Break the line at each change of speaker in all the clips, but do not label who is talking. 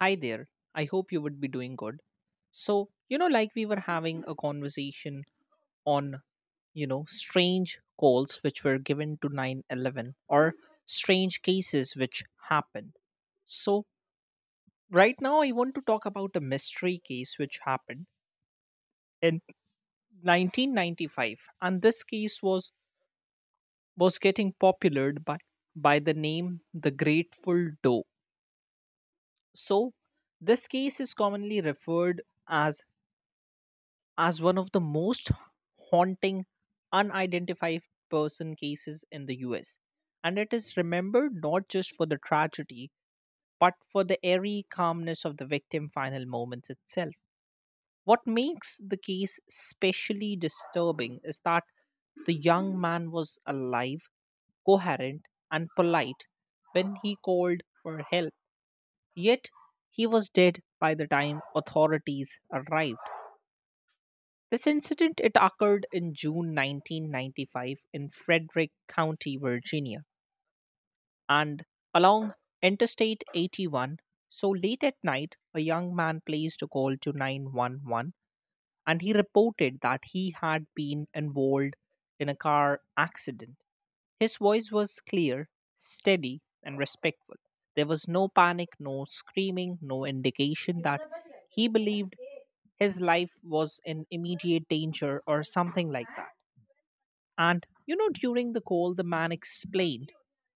Hi there. I hope you would be doing good. So, you know, like we were having a conversation on, you know, strange calls which were given to 911 or strange cases which happened. So, right now I want to talk about a mystery case which happened in 1995, and this case was getting popular by the name the Grateful Doe. So, this case is commonly referred as one of the most haunting unidentified person cases in the US. And it is remembered not just for the tragedy, but for the airy calmness of the victim's final moments itself. What makes the case especially disturbing is that the young man was alive, coherent, and polite when he called for help, yet he was dead by the time authorities arrived. This incident it occurred in June 1995 in Frederick County, Virginia, and along Interstate 81. So late at night, a young man placed a call to 911, and he reported that he had been involved in a car accident. His voice was clear, steady, and respectful. There was no panic, no screaming, no indication that he believed his life was in immediate danger or something like that. And, you know, during the call, the man explained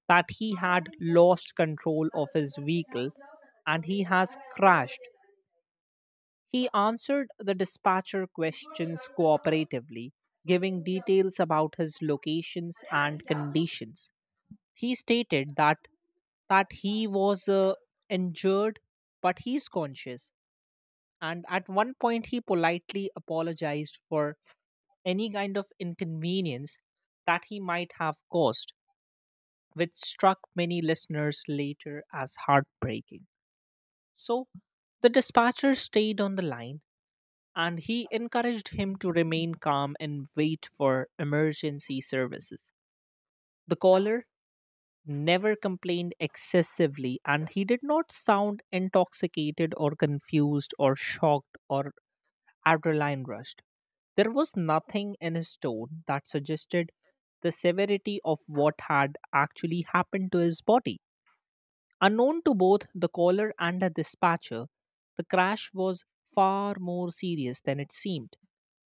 that he had lost control of his vehicle and he has crashed. He answered the dispatcher questions cooperatively, giving details about his locations and conditions. He stated that he was injured, but he's conscious. And at one point, he politely apologized for any kind of inconvenience that he might have caused, which struck many listeners later as heartbreaking. So the dispatcher stayed on the line, and he encouraged him to remain calm and wait for emergency services. The caller never complained excessively, and he did not sound intoxicated or confused or shocked or adrenaline rushed. There was nothing in his tone that suggested the severity of what had actually happened to his body. Unknown to both the caller and the dispatcher, the crash was far more serious than it seemed.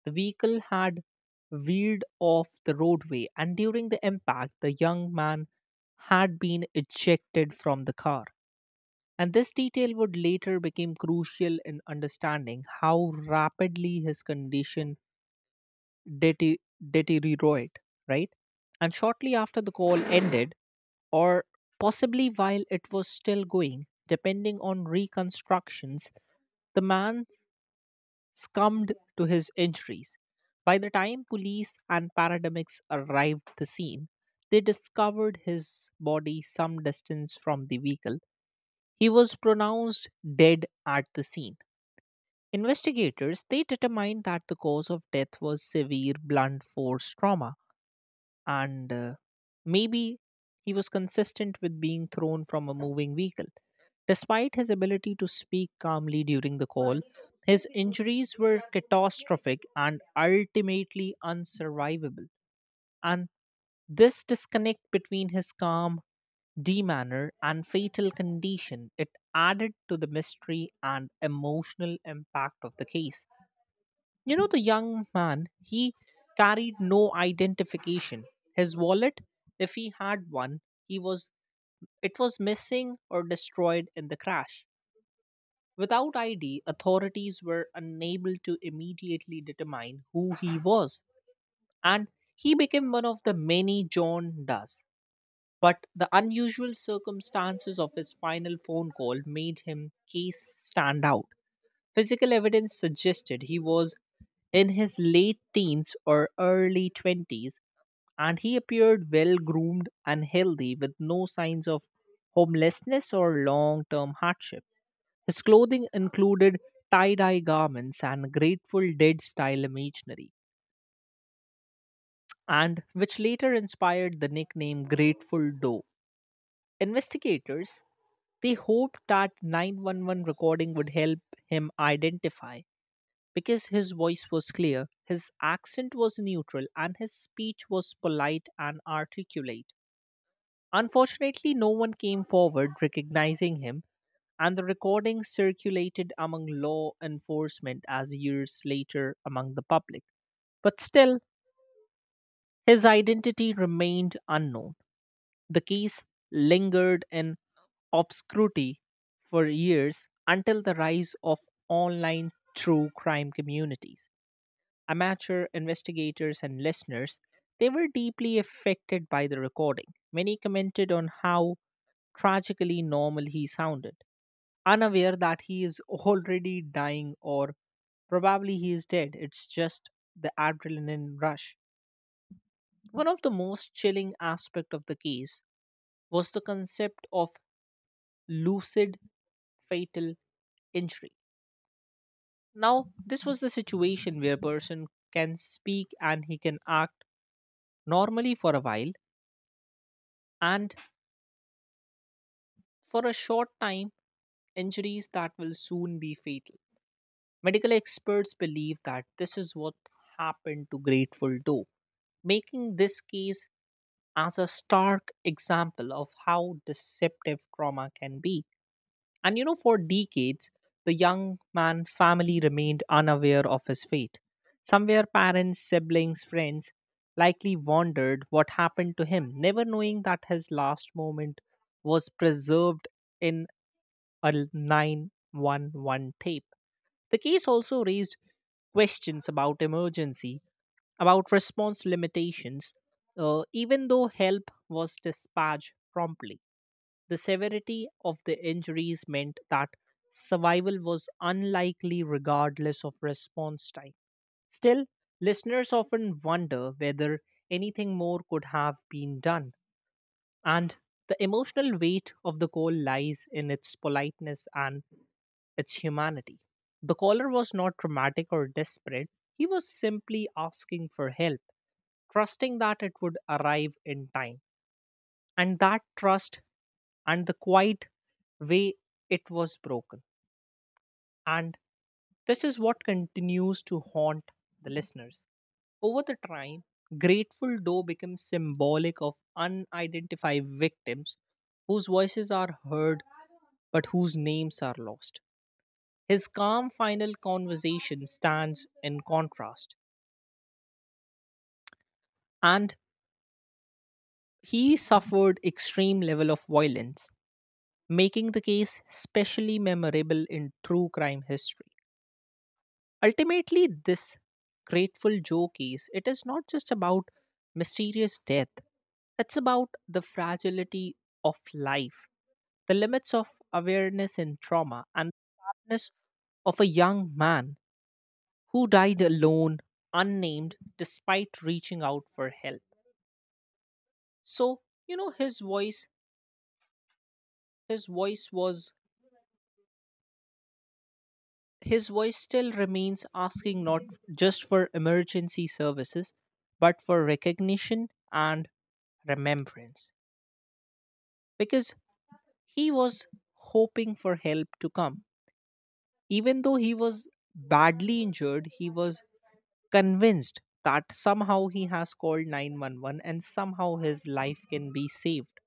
The vehicle had veered off the roadway, and during the impact, the young man had been ejected from the car. And this detail would later become crucial in understanding how rapidly his condition dete- deteriorate, right? And shortly after the call ended, or possibly while it was still going, depending on reconstructions, the man succumbed to his injuries. By the time police and paramedics arrived at the scene, they discovered his body some distance from the vehicle. He was pronounced dead at the scene. Investigators they determined that the cause of death was severe blunt force trauma, and maybe he was consistent with being thrown from a moving vehicle. Despite his ability to speak calmly during the call, his injuries were catastrophic and ultimately unsurvivable. And this disconnect between his calm demeanor and fatal condition it added to the mystery and emotional impact of the case. You know, the young man he carried no identification. His wallet, if he had one, he was it was missing or destroyed in the crash. Without ID, authorities were unable to immediately determine who he was, and he became one of the many John Does. But the unusual circumstances of his final phone call made him case stand out. Physical evidence suggested he was in his late teens or early 20s, and he appeared well groomed and healthy with no signs of homelessness or long term hardship. His clothing included tie dye garments and Grateful Dead style imagery, and which later inspired the nickname Grateful Doe. Investigators they hoped that 911 recording would help him identify because his voice was clear, his accent was neutral, and his speech was polite and articulate. Unfortunately, no one came forward recognizing him, and the recording circulated among law enforcement as years later among the public. But still, his identity remained unknown. The case lingered in obscurity for years until the rise of online true crime communities. Amateur investigators and listeners, they were deeply affected by the recording. Many commented on how tragically normal he sounded, unaware that he is already dying, or probably he is dead, it's just the adrenaline rush. One of the most chilling aspect of the case was the concept of lucid fatal injury. Now, this was the situation where a person can speak and he can act normally for a while and for a short time injuries that will soon be fatal. Medical experts believe that this is what happened to Grateful Doe, making this case as a stark example of how deceptive trauma can be. And you know, for decades, the young man family remained unaware of his fate. Somewhere, parents, siblings, friends likely wondered what happened to him, never knowing that his last moment was preserved in a 911 tape. The case also raised questions about emergency about response limitations. Uh, even though help was dispatched promptly, the severity of the injuries meant that survival was unlikely regardless of response time. Still, listeners often wonder whether anything more could have been done, and the emotional weight of the call lies in its politeness and its humanity. The caller was not dramatic or desperate, he was simply asking for help, trusting that it would arrive in time. And that trust and the quiet way it was broken. And this is what continues to haunt the listeners. Over the time, Grateful Doe becomes symbolic of unidentified victims whose voices are heard but whose names are lost. His calm final conversation stands in contrast, and he suffered extreme level of violence, making the case specially memorable in true crime history. Ultimately, this Grateful Joe case, it is not just about mysterious death. It's about the fragility of life, the limits of awareness in trauma, and the sadness of a young man who died alone, unnamed, despite reaching out for help. So, you know, his voice was his voice still remains asking not just for emergency services, but for recognition and remembrance. Because he was hoping for help to come. Even though he was badly injured, he was convinced that somehow he has called 911 and somehow his life can be saved.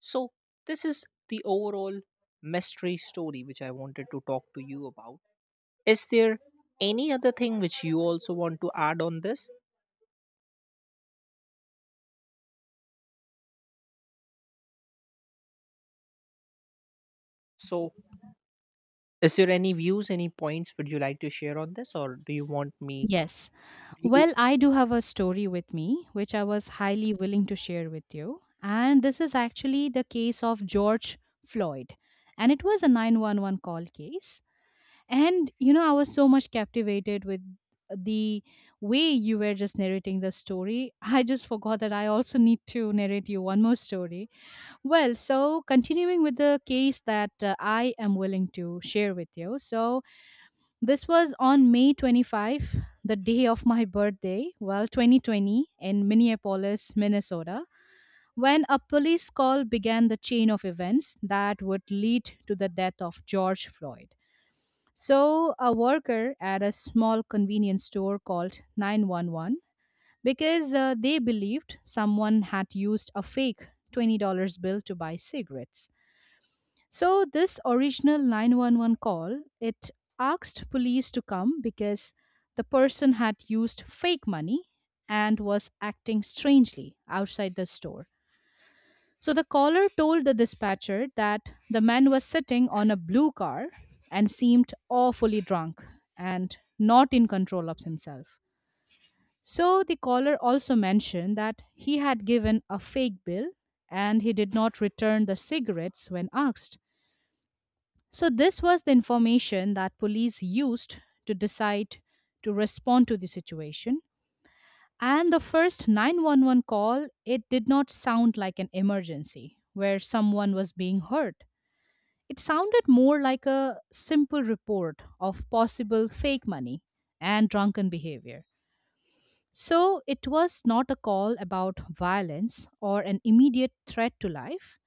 So, this is the overall mystery story which I wanted to talk to you about. Is there any other thing which you also want to add on this? So, is there any views, any points would you like to share on this, or do you want me?
Yes.
Do
Well,
you?
I do have a story with me, which I was highly willing to share with you. And this is actually the case of George Floyd. And it was a 911 call case. And, you know, I was so much captivated with the way you were just narrating the story. I just forgot that I also need to narrate you one more story. Well, so continuing with the case that I am willing to share with you. So, this was on May 25, the day of my birthday, well, 2020, in Minneapolis, Minnesota, when a police call began the chain of events that would lead to the death of George Floyd. So, a worker at a small convenience store called 911 because they believed someone had used a fake $20 bill to buy cigarettes. So this original 911 call, it asked police to come because the person had used fake money and was acting strangely outside the store. So the caller told the dispatcher that the man was sitting on a blue car and seemed awfully drunk and not in control of himself. So the caller also mentioned that he had given a fake bill and he did not return the cigarettes when asked. So, this was the information that police used to decide to respond to the situation. And the first 911 call, it did not sound like an emergency where someone was being hurt. It sounded more like a simple report of possible fake money and drunken behavior. So, it was not a call about violence or an immediate threat to life.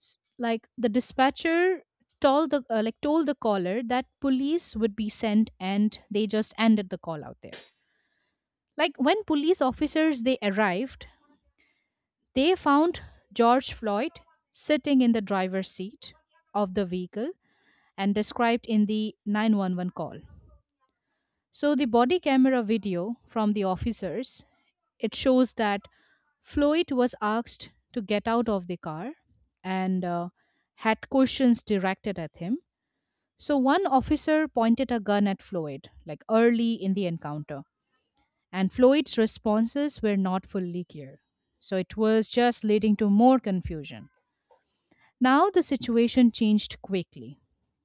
s- like the dispatcher told the like told the caller that police would be sent, and they just ended the call out there. Like when police officers they arrived, they found George Floyd sitting in the driver's seat of the vehicle and described in the 911 call. So the body camera video from the officers, it shows that Floyd was asked to get out of the car and had questions directed at him. So one officer pointed a gun at Floyd, like early in the encounter, and Floyd's responses were not fully clear. So it was just leading to more confusion. Now the situation changed quickly.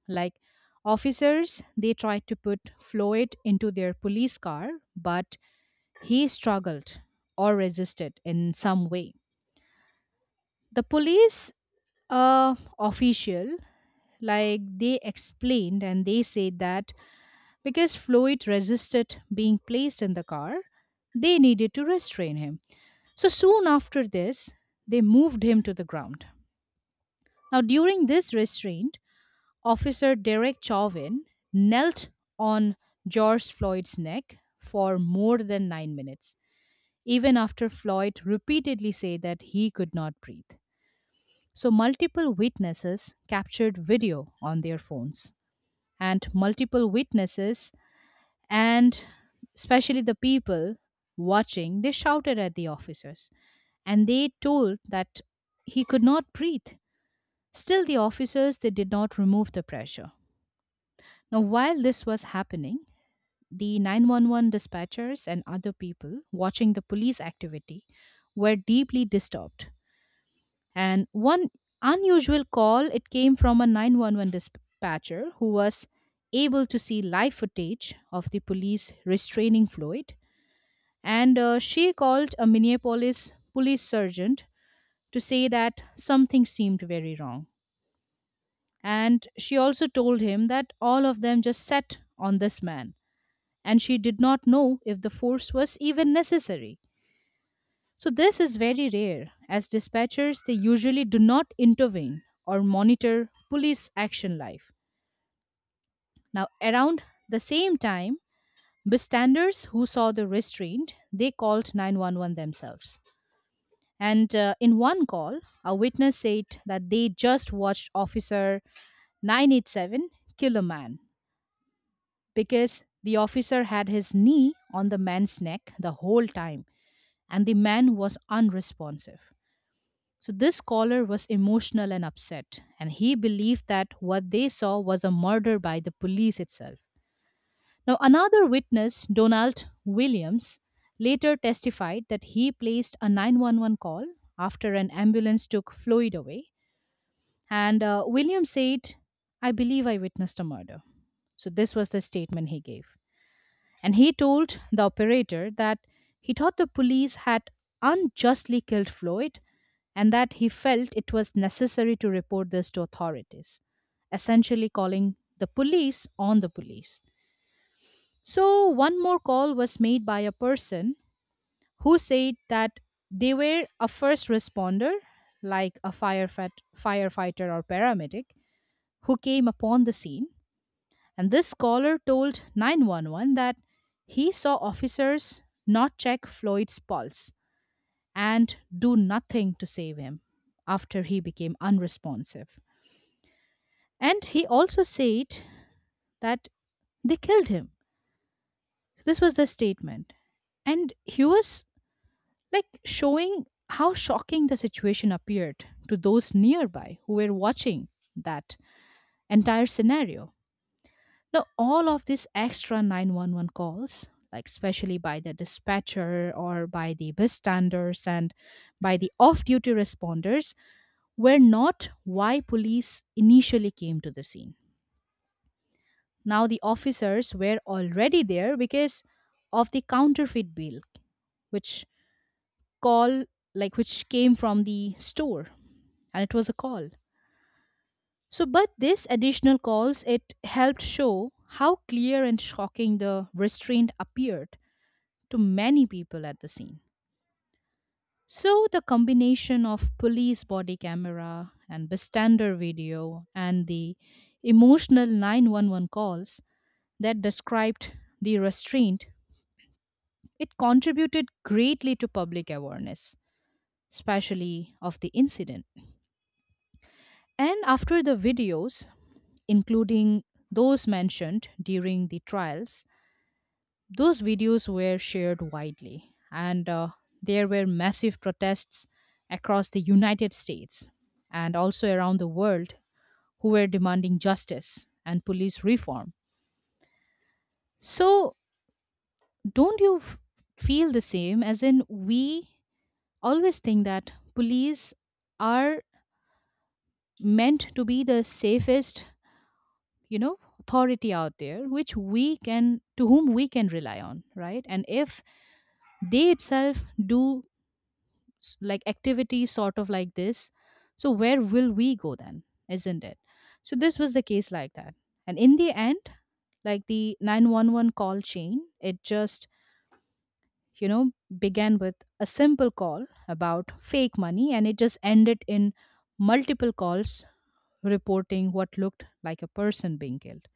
Like officers, they tried to put Floyd into their police car, but he struggled or resisted in some way. The police official, like they explained and they said that because Floyd resisted being placed in the car, they needed to restrain him. So soon after this, they moved him to the ground. Now, during this restraint, Officer Derek Chauvin knelt on George Floyd's neck for more than 9 minutes, even after Floyd repeatedly said that he could not breathe. So, multiple witnesses captured video on their phones, and multiple witnesses and especially the people watching, they shouted at the officers and they told that he could not breathe. Still the officers, they did not remove the pressure. Now while this was happening, the 911 dispatchers and other people watching the police activity were deeply disturbed, and one unusual call, it came from a 911 dispatcher who was able to see live footage of the police restraining Floyd. And she called a Minneapolis police sergeant to say that something seemed very wrong. And she also told him that all of them just sat on this man, and she did not know if the force was even necessary. So, this is very rare, as dispatchers they usually do not intervene or monitor police action live. Now, around the same time, bystanders who saw the restraint they called 911 themselves. And in one call, a witness said that they just watched Officer 987 kill a man because the officer had his knee on the man's neck the whole time and the man was unresponsive. So, this caller was emotional and upset, and he believed that what they saw was a murder by the police itself. Now, another witness, Donald Williams, later testified that he placed a 911 call after an ambulance took Floyd away. And William said, "I believe I witnessed a murder." So, this was the statement he gave. And he told the operator that he thought the police had unjustly killed Floyd and that he felt it was necessary to report this to authorities, essentially calling the police on the police. So, one more call was made by a person who said that they were a first responder, like a firefighter or paramedic, who came upon the scene, and this caller told 911 that he saw officers not check Floyd's pulse and do nothing to save him after he became unresponsive. And he also said that they killed him. This was the statement. And he was like showing how shocking the situation appeared to those nearby who were watching that entire scenario. Now, all of these extra 911 calls, like especially by the dispatcher or by the bystanders and by the off duty responders, were not why police initially came to the scene. Now, the officers were already there because of the counterfeit bill, which call, like which came from the store, and it was a call. So but this additional calls, it helped show how clear and shocking the restraint appeared to many people at the scene. So, the combination of police body camera and bystander video and the emotional 911 calls that described the restraint, it contributed greatly to public awareness, especially of the incident. And after the videos, including those mentioned during the trials, those videos were shared widely, and there were massive protests across the United States and also around the world who were demanding justice and police reform. So, don't you f- feel the same? As in, we always think that police are meant to be the safest, you know, authority out there, which we can, to whom we can rely on, right? And if they itself do like activities sort of like this, so where will we go then? Isn't it? So this was the case like that. And in the end, like the 911 call chain, it just, you know, began with a simple call about fake money, and it just ended in multiple calls reporting what looked like a person being killed.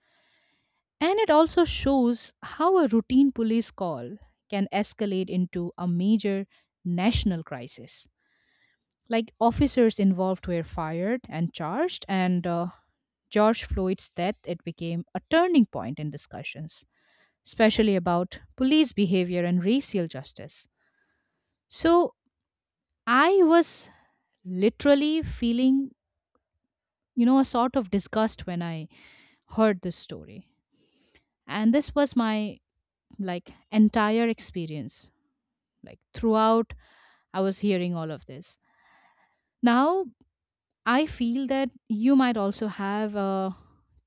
And it also shows how a routine police call can escalate into a major national crisis. Like officers involved were fired and charged, and George Floyd's death, it became a turning point in discussions, especially about police behavior and racial justice. So I was literally feeling, you know, a sort of disgust when I heard this story, and this was my like entire experience. Like throughout, I was hearing all of this. Now I feel that you might also have a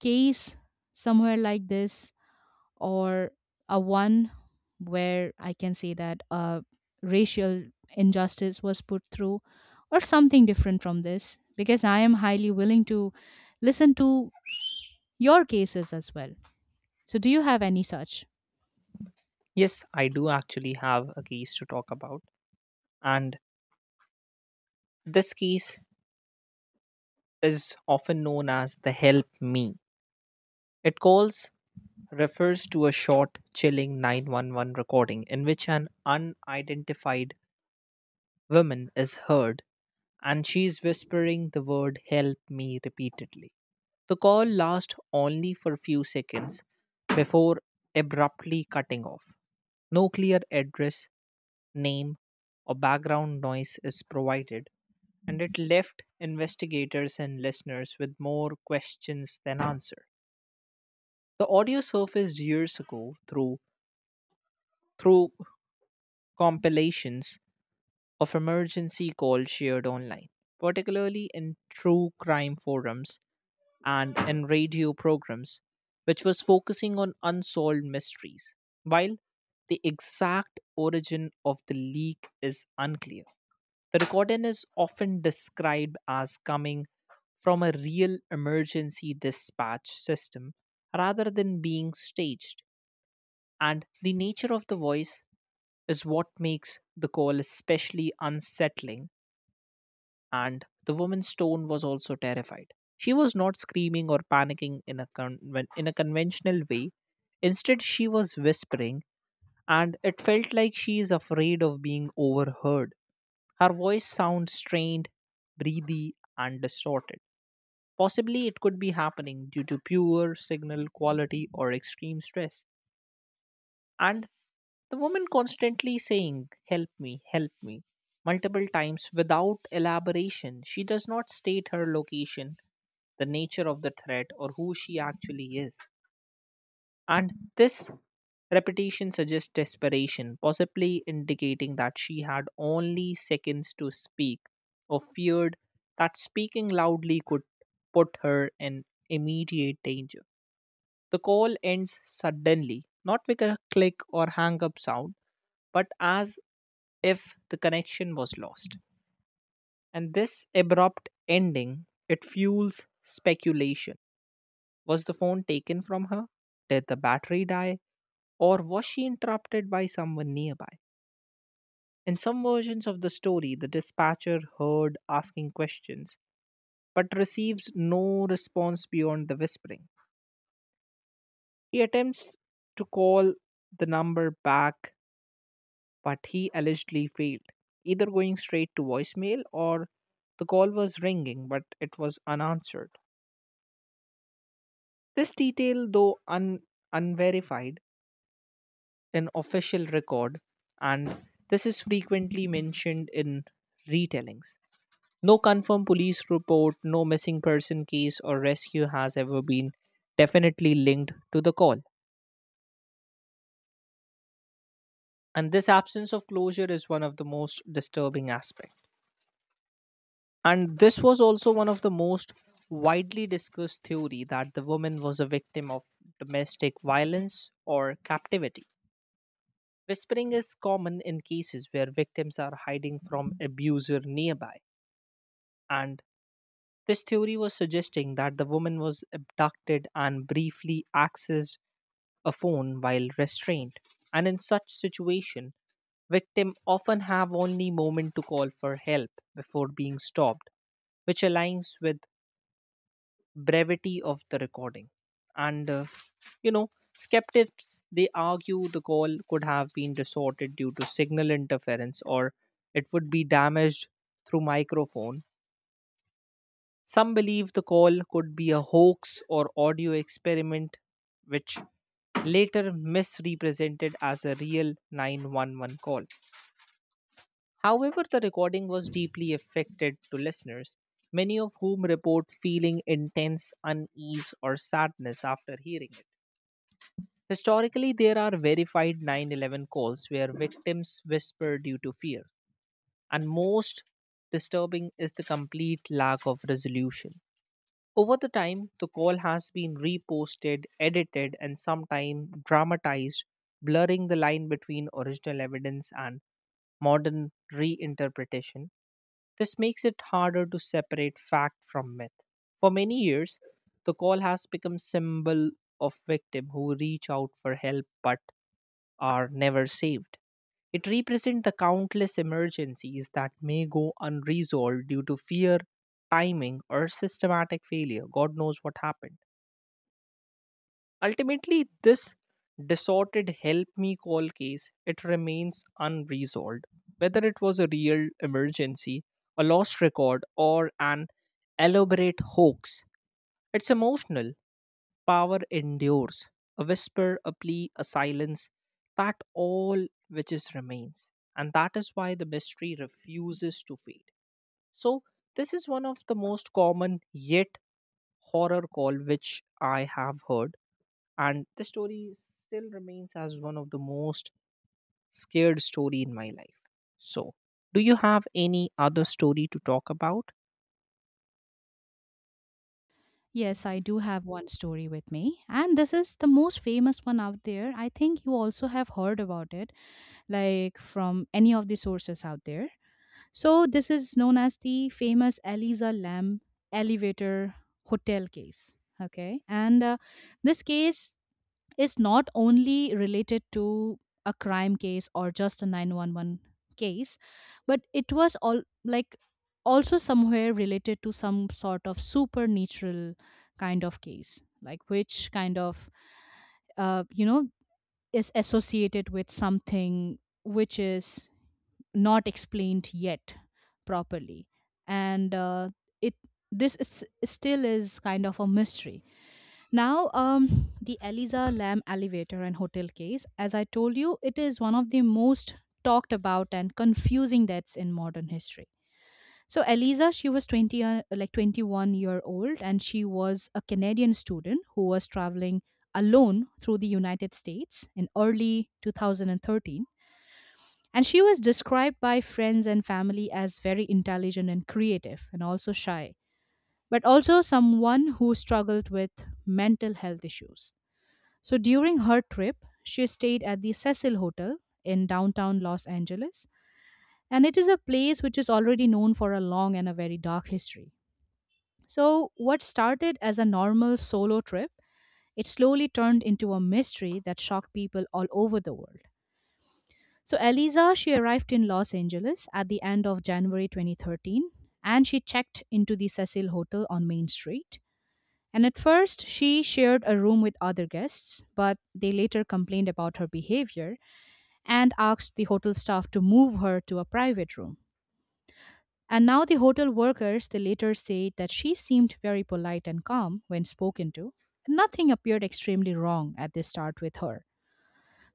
case somewhere like this, or a one where I can say that racial injustice was put through, or something different from this, because I am highly willing to listen to your cases as well. So, do you have any such?
Yes, I do actually have a case to talk about, and this case is often known as the "Help Me." It calls refers to a short, chilling 911 recording in which an unidentified woman is heard, and she is whispering the word "Help Me" repeatedly. The call lasts only for a few seconds before abruptly cutting off. No clear address, name, or background noise is provided, and it left investigators and listeners with more questions than answer. The audio surfaced years ago through compilations of emergency calls shared online, particularly in true crime forums and in radio programs, which was focusing on unsolved mysteries, while the exact origin of the leak is unclear. The recording is often described as coming from a real emergency dispatch system rather than being staged, and the nature of the voice is what makes the call especially unsettling, and the woman stone was also terrified. She was not screaming or panicking in a con in a conventional way. Instead, she was whispering, and it felt like she is afraid of being overheard. Her voice sounds strained, breathy, and distorted. Possibly it could be happening due to poor signal quality or extreme stress. And the woman constantly saying, "Help me, help me," multiple times without elaboration. She does not state her location, the nature of the threat, or who she actually is. And this repetition suggests desperation, possibly indicating that she had only seconds to speak, or feared that speaking loudly could put her in immediate danger. The call ends suddenly, not with a click or hang up sound, but as if the connection was lost. And this abrupt ending, it fuels speculation. Was the phone taken from her? Did the battery die? Or was she interrupted by someone nearby? In some versions of the story, the dispatcher heard asking questions but receives no response beyond the whispering. He attempts to call the number back, but he allegedly failed, either going straight to voicemail or the call was ringing but it was unanswered. This detail, though unverified, an official record, and this is frequently mentioned in retellings. No confirmed police report, no missing person case or rescue has ever been definitely linked to the call. And this absence of closure is one of the most disturbing aspects. And this was also one of the most widely discussed theory that the woman was a victim of domestic violence or captivity. Whispering is common in cases where victims are hiding from abuser nearby. And this theory was suggesting that the woman was abducted and briefly accessed a phone while restrained. And in such situation, victims often have only moment to call for help before being stopped, which aligns with brevity of the recording. And you know, skeptics they argue the call could have been distorted due to signal interference or it would be damaged through microphone. Some believe the call could be a hoax or audio experiment, which later misrepresented as a real 911 call. However, the recording was deeply affected to listeners, many of whom report feeling intense unease or sadness after hearing it. Historically, there are verified 911 calls where victims whisper due to fear, and most disturbing is the complete lack of resolution. Over the time, the call has been reposted, edited, and sometimes dramatized, blurring the line between original evidence and modern reinterpretation. This makes it harder to separate fact from myth. For many years, the call has become symbol of victim who reach out for help but are never saved. It represents the countless emergencies that may go unresolved due to fear, timing, or systematic failure. God knows what happened. Ultimately, this distorted help me call case it remains unresolved, whether it was a real emergency, a lost record or an elaborate hoax, it's emotional power endures. A whisper, a plea, a silence, that all which is remains. And that is why the mystery refuses to fade. So, this is one of the most common yet horror call which I have heard. And the story still remains as one of the most scared story in my life. So, do you have any other story to talk about?
Yes, I do have one story with me, and this is the most famous one out there. I think you also have heard about it, like from any of the sources out there. So this is known as the famous Eliza Lamb elevator hotel case. Okay, and this case is not only related to a crime case or just a 911 case, but it was all like also somewhere related to some sort of supernatural kind of case, like which kind of you know is associated with something which is not explained yet properly. And it still is kind of a mystery. Now the Eliza Lamb elevator and hotel case, as I told you, it is one of the most talked about and confusing deaths in modern history. So Eliza, she was like 21-year-old year old, and she was a Canadian student who was traveling alone through the United States in early 2013. And she was described by friends and family as very intelligent and creative and also shy, but also someone who struggled with mental health issues. So during her trip, she stayed at the Cecil Hotel in downtown Los Angeles, and it is a place which is already known for a long and a very dark history. So, what started as a normal solo trip, it slowly turned into a mystery that shocked people all over the world. So, Eliza, she arrived in Los Angeles at the end of January 2013 and she checked into the Cecil Hotel on Main Street. And at first, she shared a room with other guests, but they later complained about her behavior and asked the hotel staff to move her to a private room. And now the hotel workers, they later said that she seemed very polite and calm when spoken to. Nothing appeared extremely wrong at the start with her.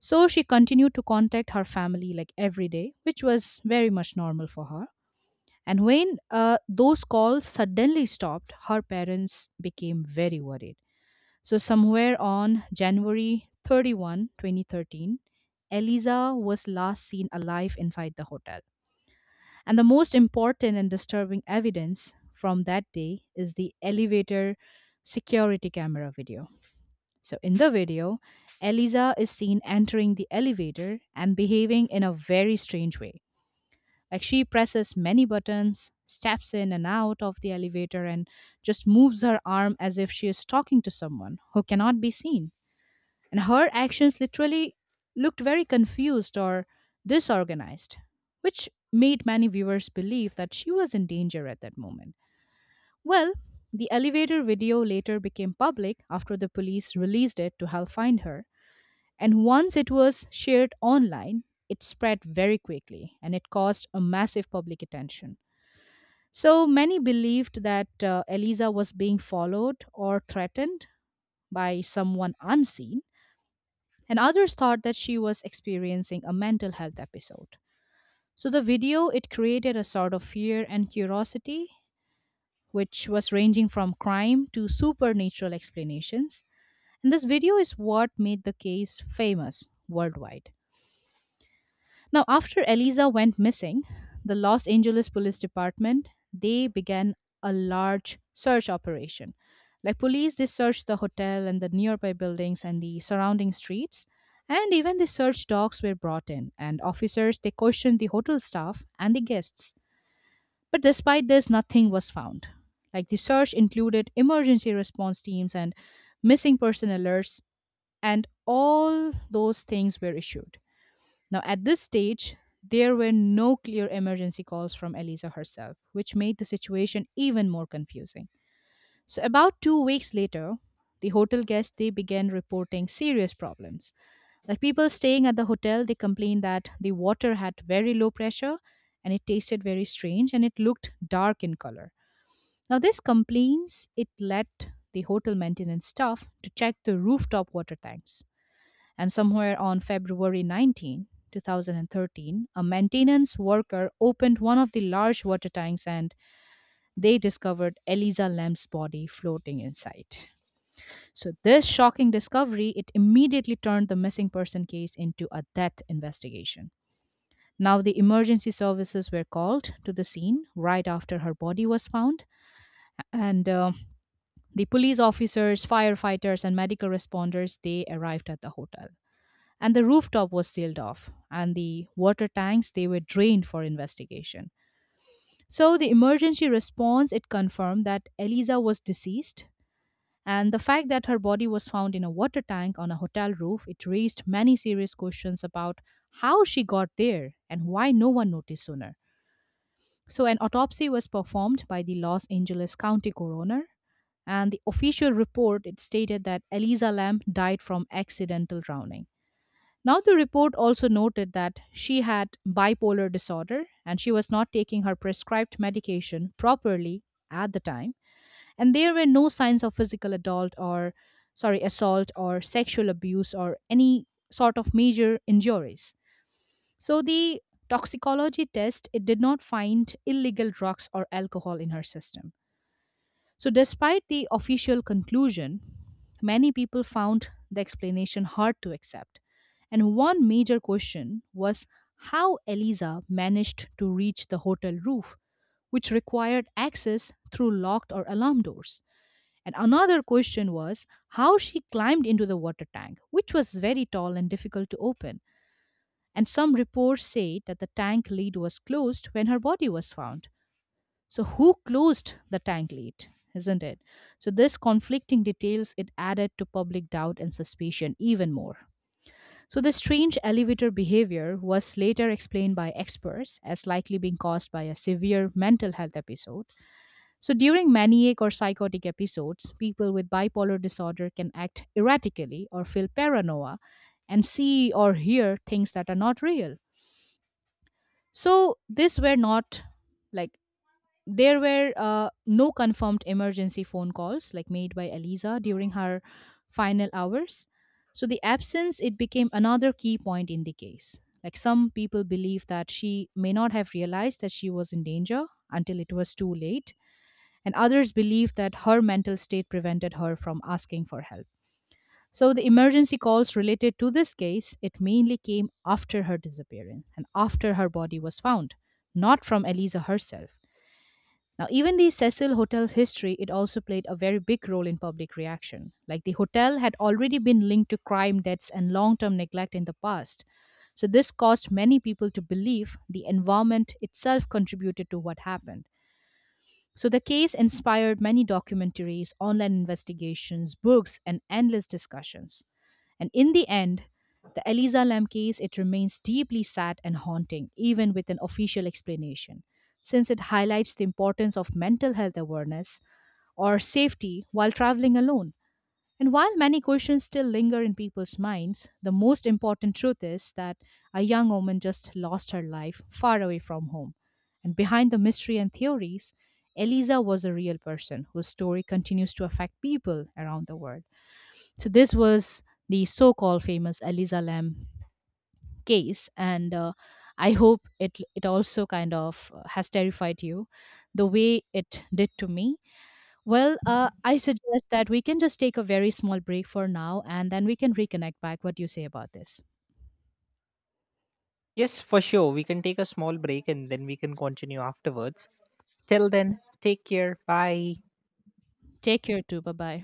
So she continued to contact her family like every day, which was very much normal for her. And when those calls suddenly stopped, her parents became very worried. So, somewhere on January 31, 2013, Eliza was last seen alive inside the hotel. And the most important and disturbing evidence from that day is the elevator security camera video. So, in the video, Eliza is seen entering the elevator and behaving in a very strange way. Like, she presses many buttons, steps in and out of the elevator, and just moves her arm as if she is talking to someone who cannot be seen. And her actions literally looked very confused or disorganized, which made many viewers believe that she was in danger at that moment. Well, the elevator video later became public after the police released it to help find her. And once it was shared online, it spread very quickly and it caused a massive public attention. So many believed that Eliza was being followed or threatened by someone unseen, and others thought that she was experiencing a mental health episode. So the video, it created a sort of fear and curiosity, which was ranging from crime to supernatural explanations. And this video is what made the case famous worldwide. Now, after Eliza went missing, the Los Angeles Police Department, they began a large search operation. Like, police, they searched the hotel and the nearby buildings and the surrounding streets, and even the search dogs were brought in. And officers, they questioned the hotel staff and the guests. But despite this, nothing was found. Like, the search included emergency response teams and missing person alerts, and all those things were issued. Now, at this stage, there were no clear emergency calls from Elisa herself, which made the situation even more confusing. So, about 2 weeks later, the hotel guests, they began reporting serious problems. Like, people staying at the hotel, they complained that the water had very low pressure and it tasted very strange and it looked dark in color. Now, these complaints, it led the hotel maintenance staff to check the rooftop water tanks, and somewhere on February 19, 2013, a maintenance worker opened one of the large water tanks and they discovered Eliza Lamb's body floating inside. So this shocking discovery, it immediately turned the missing person case into a death investigation. Now, the emergency services were called to the scene right after her body was found, and the police officers, firefighters, and medical responders, they arrived at the hotel. And the rooftop was sealed off and the water tanks, they were drained for investigation. So the emergency response, it confirmed that Eliza was deceased, and the fact that her body was found in a water tank on a hotel roof, it raised many serious questions about how she got there and why no one noticed sooner. So an autopsy was performed by the Los Angeles County Coroner, and the official report, it stated that Eliza Lamb died from accidental drowning. Now, the report also noted that she had bipolar disorder and she was not taking her prescribed medication properly at the time, and there were no signs of physical adult or, sorry, assault or sexual abuse or any sort of major injuries. So the toxicology test, it did not find illegal drugs or alcohol in her system. So, despite the official conclusion, many people found the explanation hard to accept. And one major question was how Eliza managed to reach the hotel roof, which required access through locked or alarm doors. And another question was how she climbed into the water tank, which was very tall and difficult to open. And some reports say that the tank lid was closed when her body was found. So who closed the tank lid? Isn't it? So this conflicting details, it added to public doubt and suspicion even more. So the strange elevator behavior was later explained by experts as likely being caused by a severe mental health episode. So during maniac or psychotic episodes, people with bipolar disorder can act erratically or feel paranoia and see or hear things that are not real. So these were not, like, there were no confirmed emergency phone calls like made by Eliza during her final hours. So the absence, it became another key point in the case. Like, some people believe that she may not have realized that she was in danger until it was too late, and others believe that her mental state prevented her from asking for help. So the emergency calls related to this case, it mainly came after her disappearance and after her body was found, not from Eliza herself. Now, even the Cecil Hotel's history, it also played a very big role in public reaction. Like, the hotel had already been linked to crime, debts, and long term neglect in the past. So, this caused many people to believe the environment itself contributed to what happened. So the case inspired many documentaries, online investigations, books, and endless discussions. And in the end, the Eliza Lam case, it remains deeply sad and haunting even with an official explanation, since it highlights the importance of mental health awareness or safety while traveling alone. And while many questions still linger in people's minds, the most important truth is that a young woman just lost her life far away from home. And behind the mystery and theories, Eliza was a real person whose story continues to affect people around the world. So, this was the so called famous Eliza Lam case, and I hope it also kind of has terrified you the way it did to me. Well, I suggest that we can just take a very small break for now and then we can reconnect back. What do you say about this?
Yes, for sure. We can take a small break and then we can continue afterwards. Till then, take care. Bye.
Take care too. Bye bye.